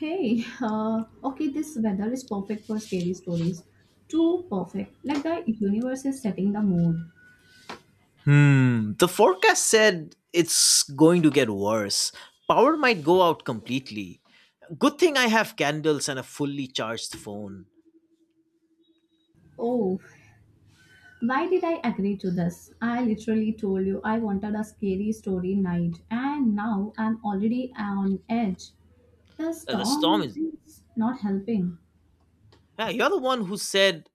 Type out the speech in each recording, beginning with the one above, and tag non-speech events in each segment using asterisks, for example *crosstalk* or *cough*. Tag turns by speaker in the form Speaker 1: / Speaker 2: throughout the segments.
Speaker 1: Hey, *laughs* okay, this weather is perfect for scary stories. Too perfect. Like the universe is setting the mood.
Speaker 2: Hmm, the forecast said it's going to get worse. Power might go out completely. Good thing I have candles and a fully charged phone.
Speaker 1: Oh, why did I agree to this? I literally told you I wanted a scary story night, and now I'm already on edge. The
Speaker 2: The storm
Speaker 1: storm
Speaker 2: is.
Speaker 1: is not helping.
Speaker 2: Yeah, you're the one who said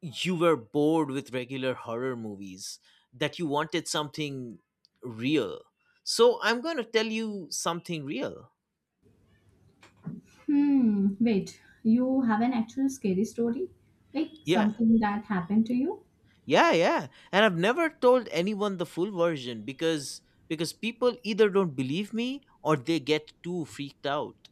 Speaker 2: you were bored with regular horror movies, that you wanted something real. So I'm going to tell you something real.
Speaker 1: Wait, you have an actual scary story? Like
Speaker 2: Yeah.
Speaker 1: something that happened to you?
Speaker 2: Yeah, yeah. And I've never told anyone the full version because people either don't believe me or they get too freaked out.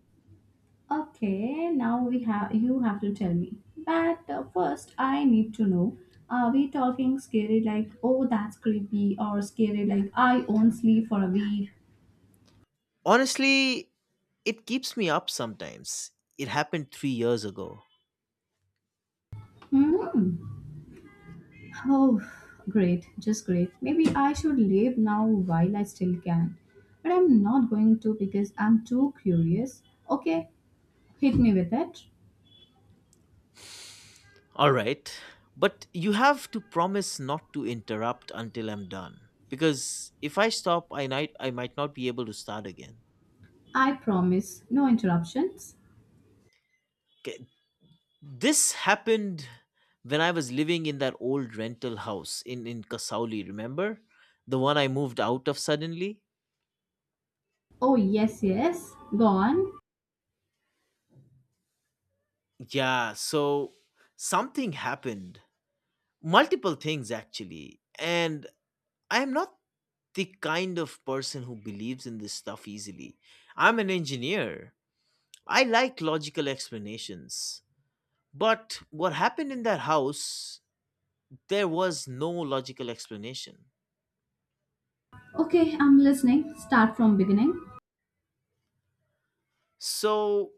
Speaker 1: Okay, now we have you have to tell me. But first, I need to know. Are we talking scary like, oh, that's creepy, or scary like I won't sleep for a week?
Speaker 2: Honestly, it keeps me up sometimes. It happened 3 years ago.
Speaker 1: Hmm. Oh, great, just great. Maybe I should leave now while I still can. But I'm not going to because I'm too curious. Okay, hit me with it.
Speaker 2: All right, but you have to promise not to interrupt until I'm done. Because if I stop, I might not be able to start again.
Speaker 1: I promise, no interruptions.
Speaker 2: Okay. This happened when I was living in that old rental house in Kasauli, remember? The one I moved out of suddenly?
Speaker 1: Oh yes, yes. Go on.
Speaker 2: Yeah, so something happened. Multiple things, actually. And I am not the kind of person who believes in this stuff easily. I'm an engineer. I like logical explanations. But what happened in that house, there was no logical explanation.
Speaker 1: Okay, I'm listening. Start from beginning.
Speaker 2: So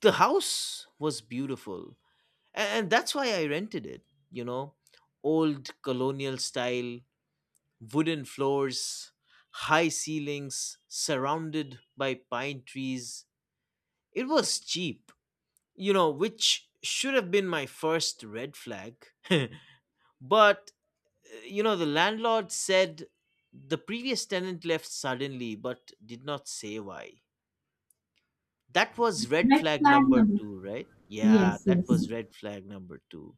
Speaker 2: the house was beautiful. And that's why I rented it, you know, old colonial style, wooden floors, high ceilings, surrounded by pine trees. It was cheap, you know, which should have been my first red flag. *laughs* but, you know, the landlord said the previous tenant left suddenly, but did not say why. That was red
Speaker 1: Red
Speaker 2: flag
Speaker 1: flag
Speaker 2: number
Speaker 1: number.
Speaker 2: two, right? Yeah,
Speaker 1: Yes,
Speaker 2: that
Speaker 1: yes.
Speaker 2: was red flag number two.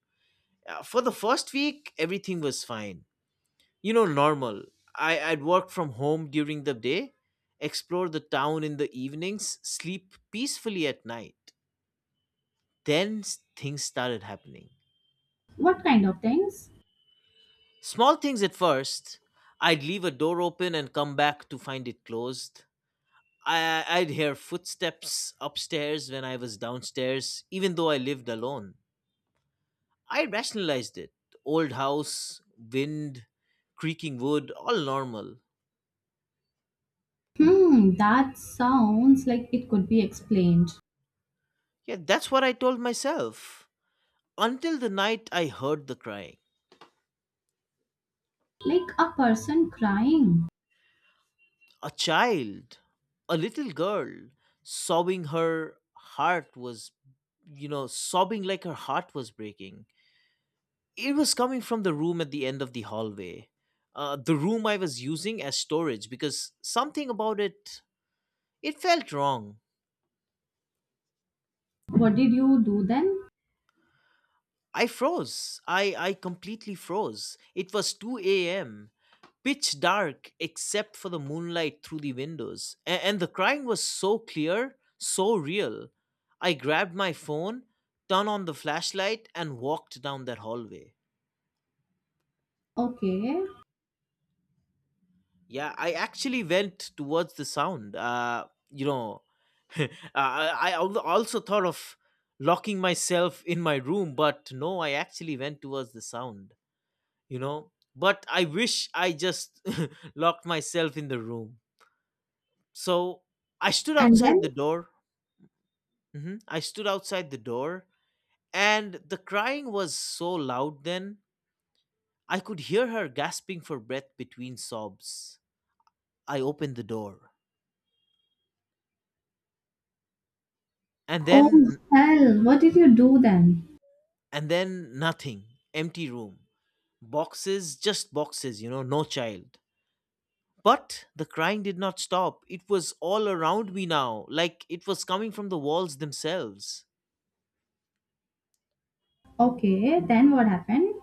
Speaker 2: For the first week, everything was fine. You know, normal. I'd work from home during the day, explore the town in the evenings, sleep peacefully at night. Then things started happening.
Speaker 1: What kind of things?
Speaker 2: Small things at first. I'd leave a door open and come back to find it closed. I'd hear footsteps upstairs when I was downstairs, even though I lived alone. I rationalized it. Old house, wind, creaking wood, all normal.
Speaker 1: Hmm, that sounds like it could be explained.
Speaker 2: Yeah, that's what I told myself. Until the night I heard the crying.
Speaker 1: Like a person crying.
Speaker 2: A child, a little girl, sobbing her heart was, sobbing like her heart was breaking. It was coming from the room at the end of the hallway. The room I was using as storage because something about it felt wrong.
Speaker 1: What did you do then?
Speaker 2: I froze. I completely froze. It was 2 a.m., pitch dark except for the moonlight through the windows. And the crying was so clear, so real. I grabbed my phone, turned on the flashlight and walked down that hallway.
Speaker 1: Okay.
Speaker 2: Yeah, I actually went towards the sound. You know, *laughs* I, also thought of locking myself in my room, but no, I actually went towards the sound, you know. But I wish I just *laughs* locked myself in the room. So I stood
Speaker 1: And
Speaker 2: outside the
Speaker 1: then?
Speaker 2: door. I stood outside the door, and the crying was so loud then, I could hear her gasping for breath between sobs. I opened the door. And
Speaker 1: Oh,
Speaker 2: then
Speaker 1: hell. What did you do then?
Speaker 2: and then nothing. Empty room, boxes, just boxes, you know, no child. But the crying did not stop. It was all around me now, like it was coming from the walls themselves.
Speaker 1: Okay. Then what happened?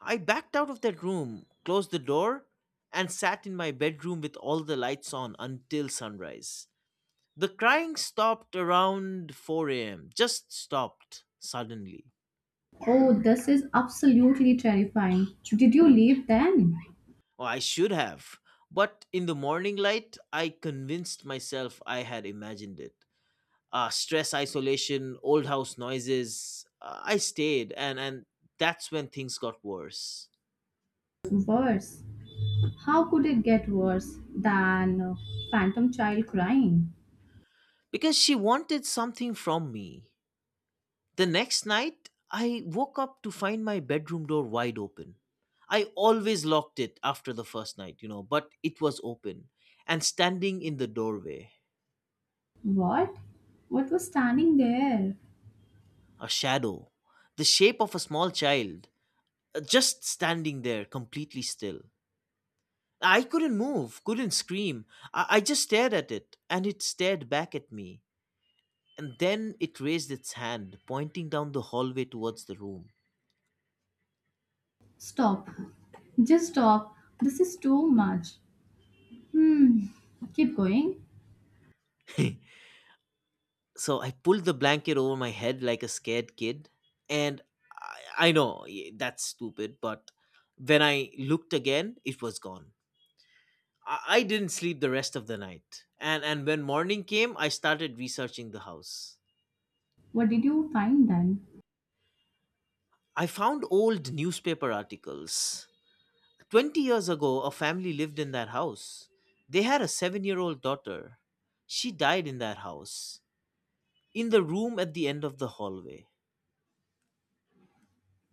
Speaker 2: I backed out of that room, closed the door, and sat in my bedroom with all the lights on until sunrise. The crying stopped around 4 a.m., just stopped suddenly.
Speaker 1: Oh, this is absolutely terrifying. Did you leave then?
Speaker 2: Oh, I should have. But in the morning light, I convinced myself I had imagined it. Stress, isolation, old house noises. I stayed, and that's when things got worse.
Speaker 1: Worse. How could it get worse than a phantom child crying?
Speaker 2: Because she wanted something from me. The next night, I woke up to find my bedroom door wide open. I always locked it after the first night, you know, but it was open. And standing in the doorway,
Speaker 1: What? What was standing there?
Speaker 2: a shadow, the shape of a small child, just standing there completely still. I couldn't move, couldn't scream. I just stared at it, and it stared back at me. And then it raised its hand, pointing down the hallway towards the room.
Speaker 1: Stop. Just stop. This is too much. Hmm. Keep going.
Speaker 2: *laughs* So I pulled the blanket over my head like a scared kid. And I know that's stupid, but when I looked again, it was gone. I didn't sleep the rest of the night. And when morning came, I started researching the house.
Speaker 1: What did you find then?
Speaker 2: I found old newspaper articles. 20 years ago, a family lived in that house. They had a 7 year old daughter. She died in that house, in the room at the end of the hallway.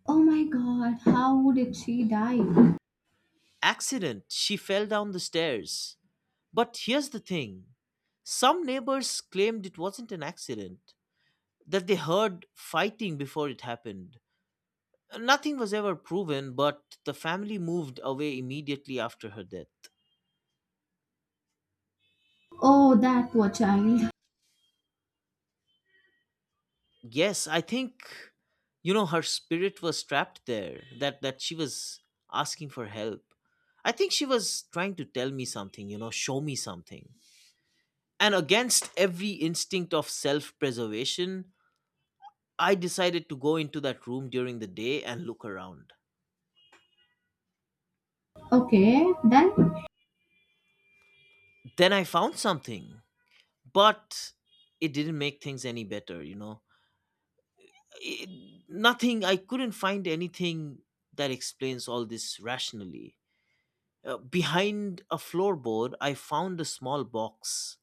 Speaker 1: Oh my god, how did she die?
Speaker 2: Accident, she fell down the stairs. But here's the thing, some neighbors claimed it wasn't an accident, that they heard fighting before it happened. Nothing was ever proven, but the family moved away immediately after her death.
Speaker 1: Oh, that poor child.
Speaker 2: Yes, I think, you know, her spirit was trapped there. That she was asking for help. I think she was trying to tell me something, you know, show me something. And against every instinct of self-preservation, I decided to go into that room during the day and look around.
Speaker 1: Okay, then?
Speaker 2: Then I found something, but it didn't make things any better, you know. It, nothing I couldn't find anything that explains all this rationally. Behind a floorboard, I found a small box.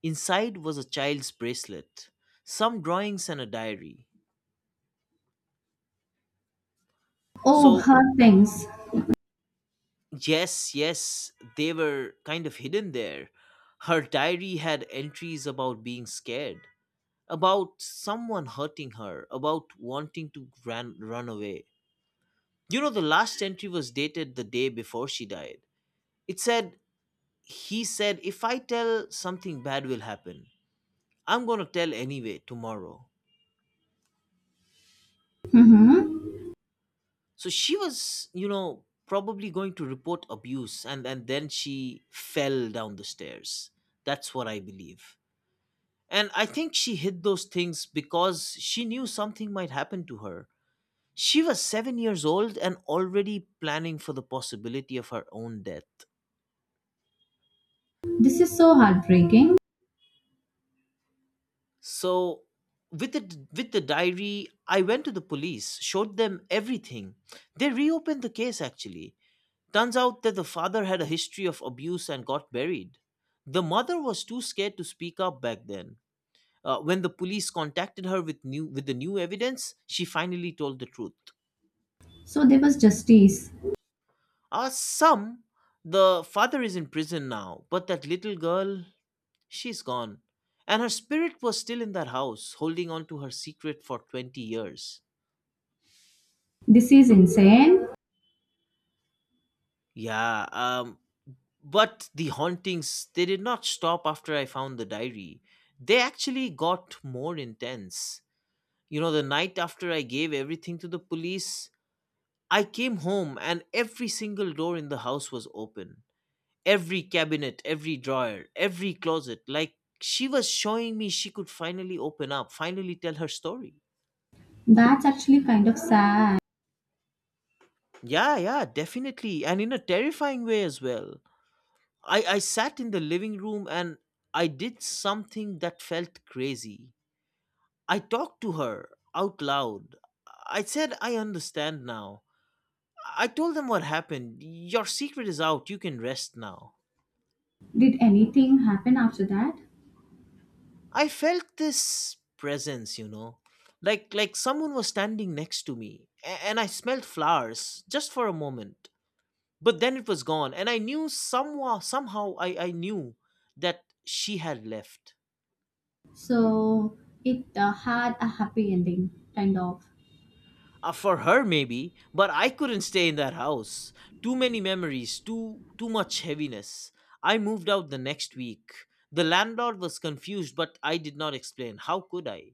Speaker 2: Inside was a child's bracelet, some drawings, and a diary.
Speaker 1: Oh,
Speaker 2: So,
Speaker 1: her things.
Speaker 2: yes, yes, they were kind of hidden there. Her diary had entries about being scared, about someone hurting her, about wanting to run away. You know, the last entry was dated the day before she died. It said, He said, if I tell, something bad will happen. I'm going to tell anyway tomorrow.
Speaker 1: Mm-hmm.
Speaker 2: So she was, you know, probably going to report abuse, and then she fell down the stairs. That's what I believe. And I think she hid those things because she knew something might happen to her. She was 7 years old and already planning for the possibility of her own death.
Speaker 1: This is so heartbreaking.
Speaker 2: So with the diary, I went to the police, showed them everything. They reopened the case, actually. Turns out that the father had a history of abuse and got buried. The mother was too scared to speak up back then. When the police contacted her with the new evidence, she finally told the truth.
Speaker 1: So there was justice.
Speaker 2: Some The father is in prison now, but that little girl, she's gone. And her spirit was still in that house, holding on to her secret for 20 years.
Speaker 1: This is insane.
Speaker 2: Yeah, but the hauntings, they did not stop after I found the diary. They actually got more intense. You know, the night after I gave everything to the police, I came home and every single door in the house was open. Every cabinet, every drawer, every closet. Like she was showing me she could finally open up, finally tell her story.
Speaker 1: That's actually kind of sad.
Speaker 2: Yeah, yeah, definitely. And in a terrifying way as well. I sat in the living room and I did something that felt crazy. I talked to her out loud. I said, I understand now. I told them what happened. Your secret is out. You can rest now.
Speaker 1: Did anything happen after that?
Speaker 2: I felt this presence, you know. Like someone was standing next to me and I smelled flowers just for a moment. But then it was gone and I knew somehow I knew that she had left.
Speaker 1: So it had a happy ending, kind of.
Speaker 2: For her maybe, but I couldn't stay in that house. Too many memories, too much heaviness. I moved out the next week. The landlord was confused, but I did not explain. How could I?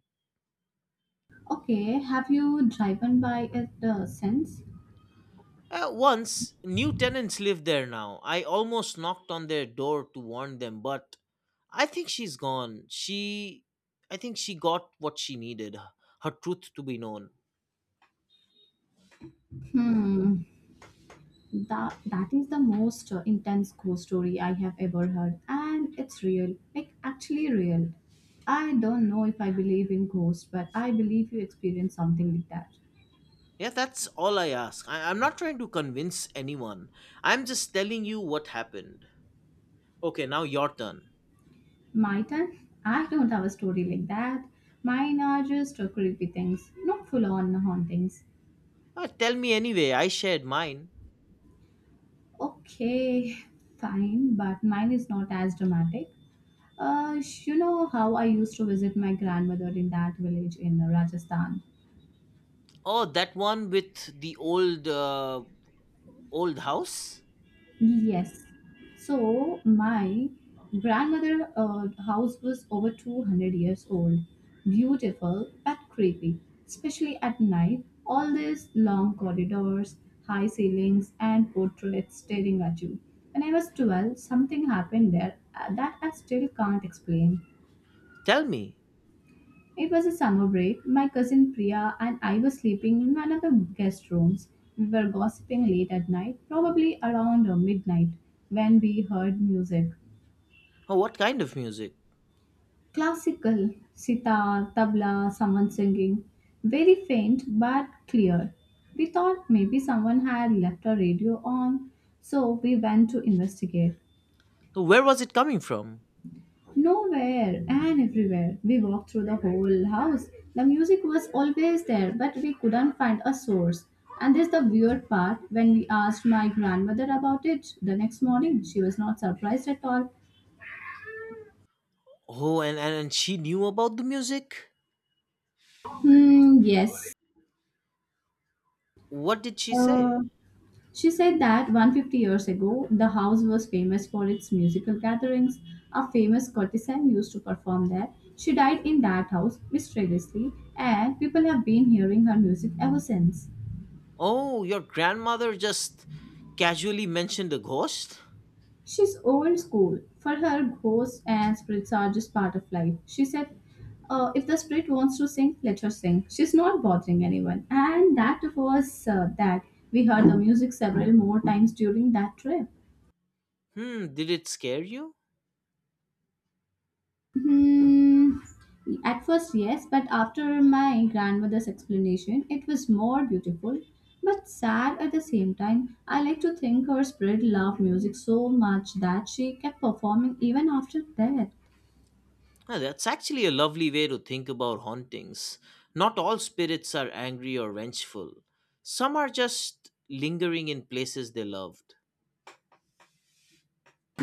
Speaker 1: Okay, have you driven by it since?
Speaker 2: Once. New tenants live there now. I almost knocked on their door to warn them, but I think she's gone. She I think she got what she needed, her truth to be known.
Speaker 1: Hmm, that is the most intense ghost story I have ever heard, and it's real, like actually real. I don't know if I believe in ghosts, but I believe you experience something like that.
Speaker 2: Yeah, that's all I ask. I'm not trying to convince anyone. I'm just telling you what happened. Okay, now your turn.
Speaker 1: My turn? I don't have a story like that. Mine are just creepy things, not full on hauntings.
Speaker 2: Tell me anyway. I shared mine.
Speaker 1: Okay, fine, but mine is not as dramatic. You know how I used to visit my grandmother in that village in Rajasthan?
Speaker 2: Oh, that one with the old house.
Speaker 1: Yes. So, my grandmother house was over 200 years old, beautiful but creepy, especially at night. All these long corridors, high ceilings, and portraits staring at you. When I was 12, something happened there that I still can't explain.
Speaker 2: Tell me.
Speaker 1: It was a summer break. My cousin Priya and I were sleeping in one of the guest rooms. We were gossiping late at night, probably around midnight, when we heard music.
Speaker 2: Oh, what kind of music?
Speaker 1: Classical, sitar, tabla, someone singing. Very faint but clear. We thought maybe someone had left a radio on, so we went to investigate.
Speaker 2: So where was it coming from?
Speaker 1: Nowhere and everywhere. We walked through the whole house. The music was always there, but we couldn't find a source. And this the weird part. When we asked my grandmother about it the next morning, she was not surprised at all.
Speaker 2: Oh, and she knew about the music.
Speaker 1: Hmm, yes.
Speaker 2: What did she say?
Speaker 1: Uh, she said that 150 years ago, the house was famous for its musical gatherings. A famous courtesan used to perform there. She died in that house mysteriously, and people have been hearing her music ever since.
Speaker 2: Oh, your grandmother just casually mentioned a ghost.
Speaker 1: She's old school. For her, ghosts and spirits are just part of life. She said, if the spirit wants to sing, let her sing. She's not bothering anyone. And that was that. We heard the music several more times during that trip.
Speaker 2: Hmm. Did it scare you?
Speaker 1: Hmm. At first, yes, but after my grandmother's explanation, it was more beautiful but sad at the same time. I like to think her spirit loved music so much that she kept performing even after death.
Speaker 2: Yeah, that's actually a lovely way to think about hauntings. Not all spirits are angry or vengeful. Some are just lingering in places they loved.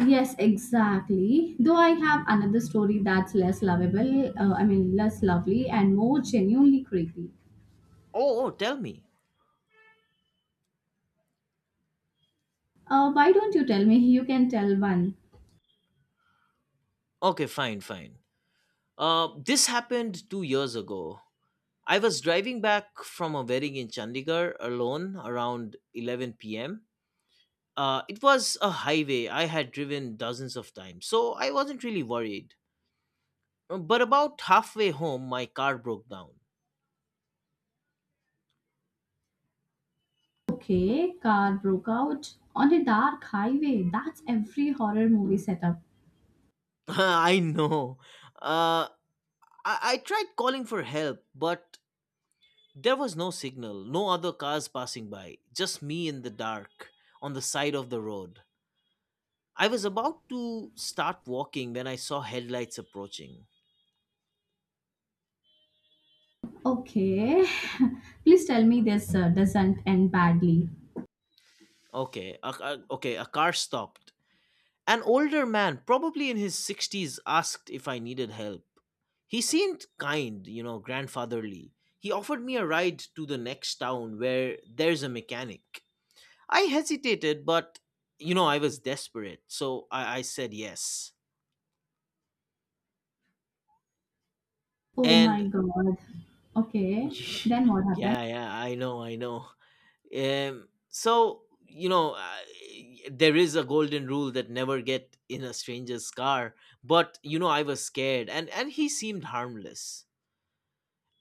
Speaker 1: Yes, exactly. Though I have another story that's less lovable, I mean, less lovely and more genuinely creepy.
Speaker 2: Oh, oh, tell me.
Speaker 1: Why don't you tell me? You can tell one.
Speaker 2: Okay, fine, fine. This happened 2 years ago. I was driving back from a wedding in Chandigarh alone around 11 p.m. It was a highway I had driven dozens of times, so I wasn't really worried. But about halfway home, my car broke down.
Speaker 1: Okay, car broke out on a dark highway. That's every horror movie setup.
Speaker 2: *laughs* I know. Uh, I tried calling for help, but there was no signal, no other cars passing by, just me in the dark on the side of the road. I was about to start walking when I saw headlights approaching.
Speaker 1: Okay, *laughs* please tell me this doesn't end badly.
Speaker 2: Okay, a car stopped. An older man, probably in his 60s, asked if I needed help. He seemed kind, grandfatherly. He offered me a ride to the next town where there's a mechanic. I hesitated, but I was desperate, so I said yes.
Speaker 1: Oh my
Speaker 2: And,
Speaker 1: god. Okay, then
Speaker 2: *laughs*
Speaker 1: what happened?
Speaker 2: yeah, yeah, I know, I know. So there is a golden rule that never get in a stranger's car. But I was scared, and he seemed harmless.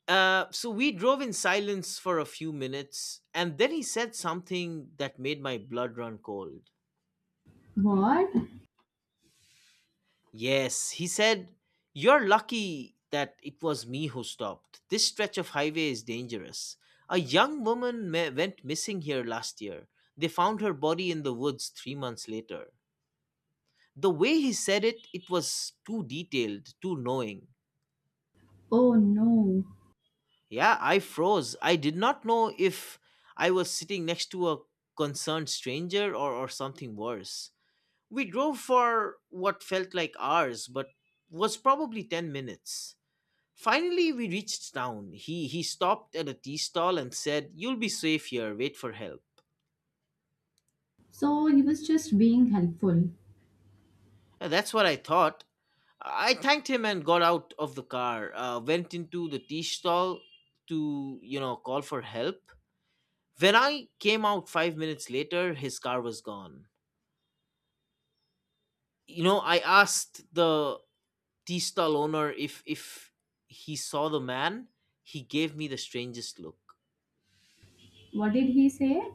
Speaker 2: So we drove in silence for a few minutes, and then he said something that made my blood run cold.
Speaker 1: What?
Speaker 2: Yes, he said, "You're lucky that it was me who stopped. This stretch of highway is dangerous. A young woman went missing here last year. They found her body in the woods 3 months later." The way he said it, it was too detailed, too knowing.
Speaker 1: Oh no.
Speaker 2: Yeah, I froze. I did not know if I was sitting next to a concerned stranger, or something worse. We drove for what felt like hours, but was probably 10 minutes. Finally, we reached town. He stopped at a tea stall and said, "You'll be safe here. Wait for help."
Speaker 1: So he was just being helpful.
Speaker 2: That's what I thought. I thanked him and got out of the car. Went into the tea stall to call for help. When I came out 5 minutes later, his car was gone. You know, I asked the tea stall owner if he saw the man. He gave me the strangest look.
Speaker 1: What did he say?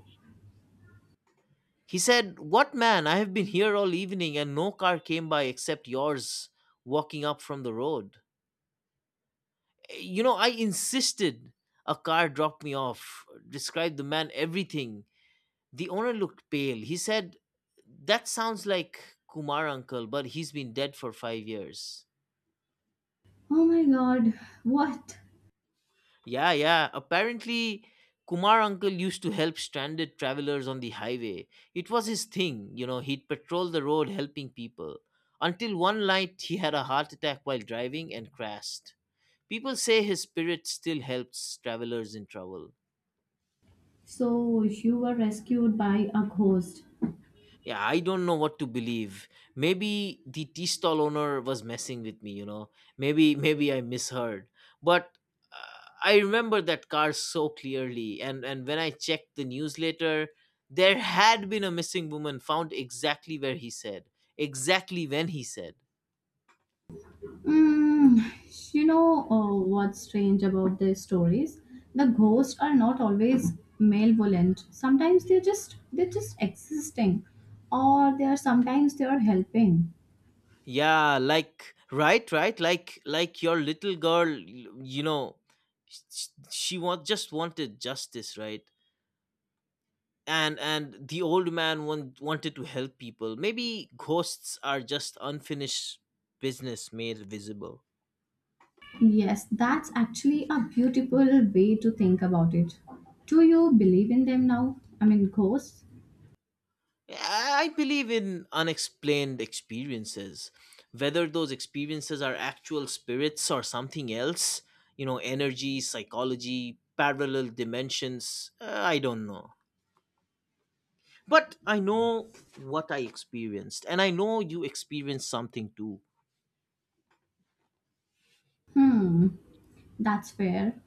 Speaker 2: He said, "What man? I have been here all evening and no car came by except yours walking up from the road." You know, I insisted. A car dropped me off, described the man everything. The owner looked pale. He said, "That sounds like Kumar uncle, but he's been dead for 5 years."
Speaker 1: Oh my god, what?
Speaker 2: Yeah, yeah. Apparently, Kumar uncle used to help stranded travelers on the highway. It was his thing, he'd patrol the road helping people. Until one night, he had a heart attack while driving and crashed. People say his spirit still helps travelers in trouble.
Speaker 1: So you were rescued by a ghost.
Speaker 2: Yeah, I don't know what to believe. Maybe the tea stall owner was messing with me. Maybe *laughs* maybe I misheard. But I remember that car so clearly, and when I checked the news later, there had been a missing woman found exactly where he said, exactly when he said.
Speaker 1: Mm, you know, what's strange about these stories? The ghosts are not always malevolent. Sometimes they're just existing, or they are helping.
Speaker 2: Yeah, like right, right, like your little girl, you know, she want just wanted justice, right? And the old man wanted to help people. Maybe ghosts are just unfinished business made visible.
Speaker 1: Yes, that's actually a beautiful way to think about it. Do you believe in them now? I mean, ghosts.
Speaker 2: Yeah, I believe in unexplained experiences, whether those experiences are actual spirits or something else, you know, energy, psychology, parallel dimensions. I don't know, but I know what I experienced, and I know you experienced something too.
Speaker 1: Hmm. That's fair.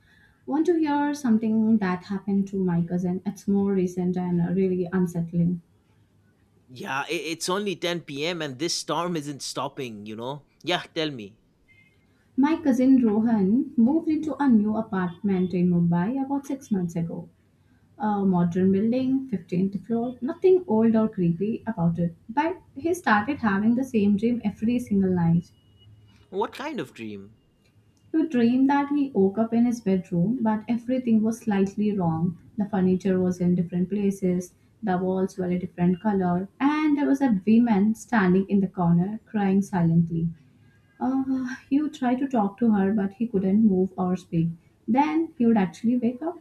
Speaker 1: Want to hear something that happened to my cousin? It's more recent and really unsettling.
Speaker 2: Yeah, I it's only 10 p.m. and this storm isn't stopping, you know? Yeah, tell me.
Speaker 1: My cousin Rohan moved into a new apartment in Mumbai about six months ago. A modern building, 15th floor, nothing old or creepy about it. But he started having the same dream every single night.
Speaker 2: What kind of dream?
Speaker 1: You dream that he woke up in his bedroom, but everything was slightly wrong. The furniture was in different places, the walls were a different color, and there was a woman standing in the corner crying silently. You tried to talk to her, but he couldn't move or speak. Then he would actually wake up.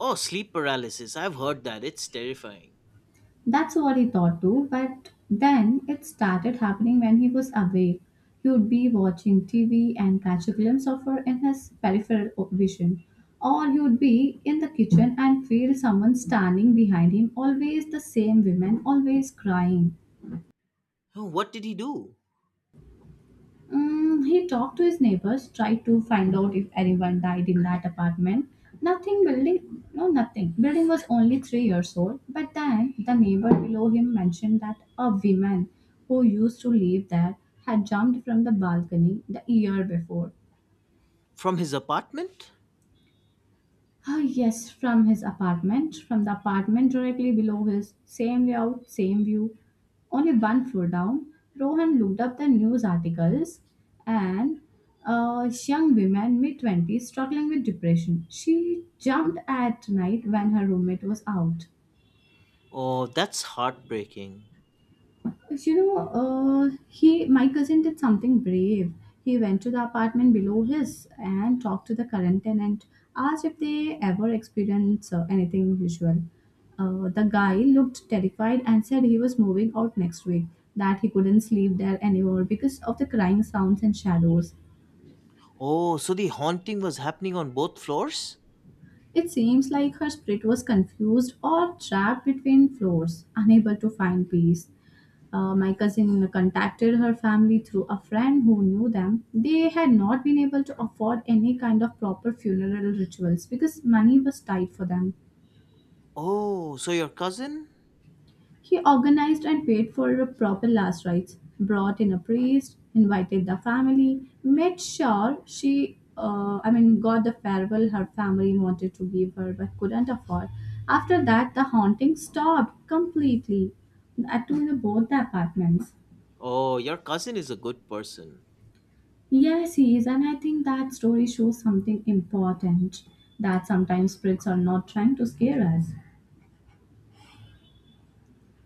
Speaker 2: Oh, sleep paralysis. I've heard that. It's terrifying.
Speaker 1: That's what he thought too, but then it started happening when he was awake. He would be watching TV and catch a glimpse of her in his vision. Or he would be in the kitchen and feel someone standing behind him, always the same woman, always crying.
Speaker 2: Oh, what did he do?
Speaker 1: Mm, he talked to his neighbors, tried to find out if anyone died in that apartment. Nothing building, no, nothing. Building was only three years old, but then the neighbor below him mentioned that a woman who used to live there had jumped from the balcony the year before.
Speaker 2: From his apartment?
Speaker 1: Ah, yes, from his apartment, from the apartment directly below his. Same layout, same view. Only one floor down, Rohan looked up the news articles and a young woman, mid 20's, struggling with depression. She jumped at night when her roommate was out.
Speaker 2: Oh, that's heartbreaking.
Speaker 1: You know, my cousin did something brave. He went to the apartment below his and talked to the current tenant, asked if they ever experienced anything unusual. The guy looked terrified and said he was moving out next week, that he couldn't sleep there anymore because of the crying sounds and shadows.
Speaker 2: Oh, so the haunting was happening on both floors?
Speaker 1: It seems like her spirit was confused or trapped between floors, unable to find peace. My cousin contacted her family through a friend who knew them. They had not been able to afford any kind of proper funeral rituals because money was tight for them.
Speaker 2: Oh, so your cousin?
Speaker 1: He organized and paid for a proper last rites, brought in a priest, invited the family, made sure she, I mean, got the farewell her family wanted to give her but couldn't afford. After that, the haunting stopped completely at to both the apartments.
Speaker 2: Oh, your cousin is a good person.
Speaker 1: Yes, he is, and I think that story shows something important, that sometimes spirits are not trying to scare us.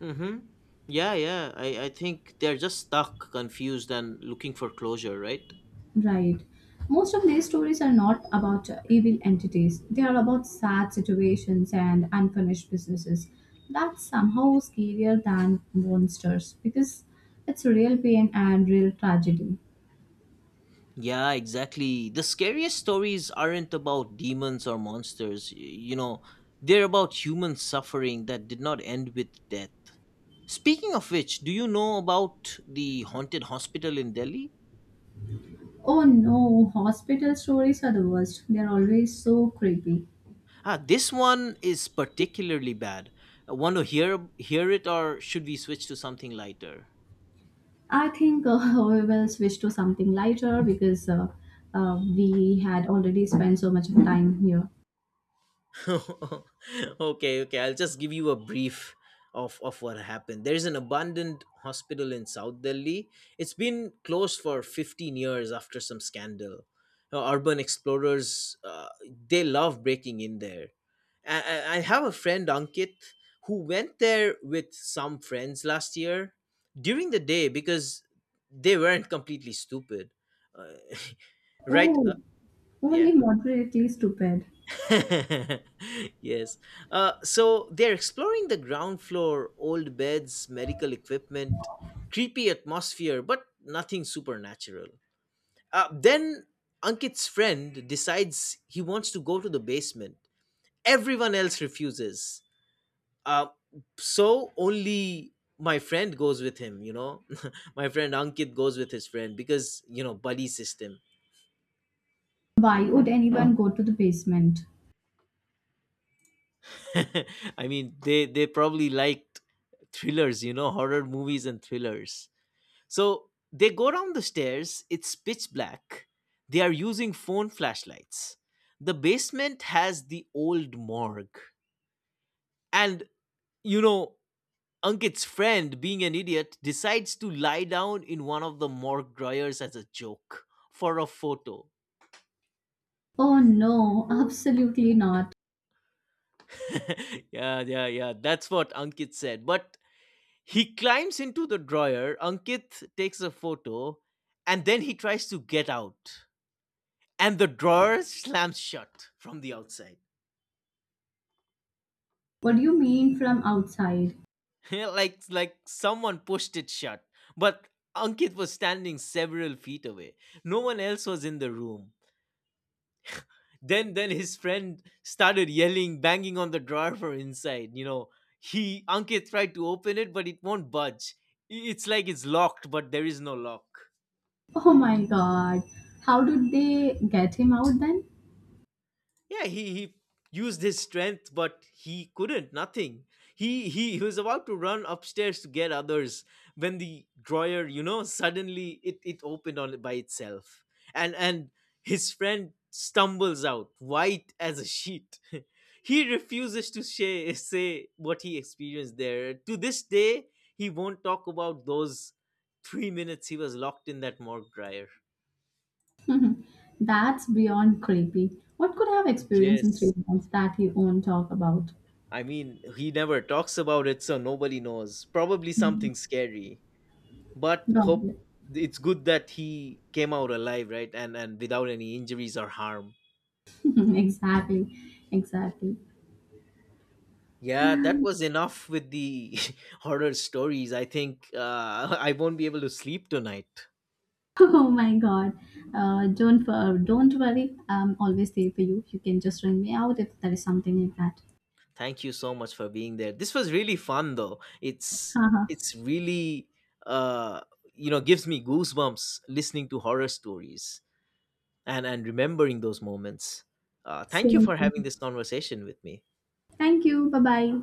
Speaker 2: Mm hmm. Yeah, yeah. I think they're just stuck, confused, and looking for closure, right?
Speaker 1: Right. Most of these stories are not about evil entities, they are about sad situations and unfinished businesses. That's somehow scarier than monsters because it's real pain and real tragedy.
Speaker 2: Yeah, exactly. The scariest stories aren't about demons or monsters, you know, they're about human suffering that did not end with death. Speaking of which, do you know about the haunted hospital in Delhi?
Speaker 1: Oh no, hospital stories are the worst. They're always so creepy.
Speaker 2: Ah, this one is particularly bad. Want to hear it or should we switch to something lighter?
Speaker 1: I think *laughs* we will switch to something lighter because we had already spent so much of time here.
Speaker 2: *laughs* Okay, I'll just give you a brief of what happened. There's an abandoned hospital in South Delhi. It's been closed for 15 years after some scandal. Urban explorers, they love breaking in there. I have a friend, Ankit, who went there with some friends last year during the day because they weren't completely stupid. Uh, *laughs* right?
Speaker 1: Oh,
Speaker 2: Yeah.
Speaker 1: only moderately stupid.
Speaker 2: *laughs* yes. So they're exploring the ground floor, old beds, medical equipment, creepy atmosphere, but nothing supernatural. Then Ankit's friend decides he wants to go to the basement. Everyone else refuses. Uh, so only my friend goes with him, you know? *laughs* My friend Ankit goes with his friend because, you know, buddy system.
Speaker 1: Why would anyone go to the basement?
Speaker 2: *laughs* I mean, they probably liked thrillers, you know, horror movies and thrillers. So they go down the stairs. It's pitch black. They are using phone flashlights. The basement has the old morgue, and you know. Ankit's friend, being an idiot, decides to lie down in one of the morgue dryers as a joke for a photo.
Speaker 1: Oh no, absolutely not.
Speaker 2: *laughs* Yeah, yeah, yeah. That's what Ankit said. But he climbs into the drawer. Ankit takes a photo and then he tries to get out. And the drawer slams shut from the outside.
Speaker 1: What do you mean from outside?
Speaker 2: *laughs* Like someone pushed it shut. But Ankit was standing several feet away. No one else was in the room. Then his friend started yelling, banging on the drawer from inside. You know, he Ankit tried to open it, but it won't budge. It's like it's locked, but there is no lock.
Speaker 1: Oh my god. How did they get him out then?
Speaker 2: Yeah, he used his strength, but he couldn't, nothing. He was about to run upstairs to get others when the drawer, suddenly it opened on it by itself, and his friend stumbles out, white as a sheet. *laughs* He refuses to say what he experienced there to this day. He won't talk about those 3 minutes he was locked in that morgue dryer.
Speaker 1: *laughs* That's beyond creepy. What could I have experienced in
Speaker 2: Yes,
Speaker 1: three months that he won't talk about?
Speaker 2: I mean, he never talks about it, so nobody knows. Probably something scary. But hope
Speaker 1: God.
Speaker 2: it's good that he came out alive, right? And without any injuries or harm.
Speaker 1: *laughs* Exactly. Exactly.
Speaker 2: Yeah, that was
Speaker 1: *laughs*
Speaker 2: enough with the *laughs* horror stories. I think *laughs* I won't be able to sleep tonight.
Speaker 1: Oh my God. Don't don't worry. I'm always there for you. You can just ring me out if there is something like that.
Speaker 2: Thank you so much for being there. This was really fun, though.
Speaker 1: *laughs*
Speaker 2: It's
Speaker 1: Haha.
Speaker 2: it's really uh, gives me goosebumps listening to horror stories. And remembering those moments. Thank you
Speaker 1: Same
Speaker 2: for having
Speaker 1: thing.
Speaker 2: this conversation with me.
Speaker 1: Thank you. Bye bye.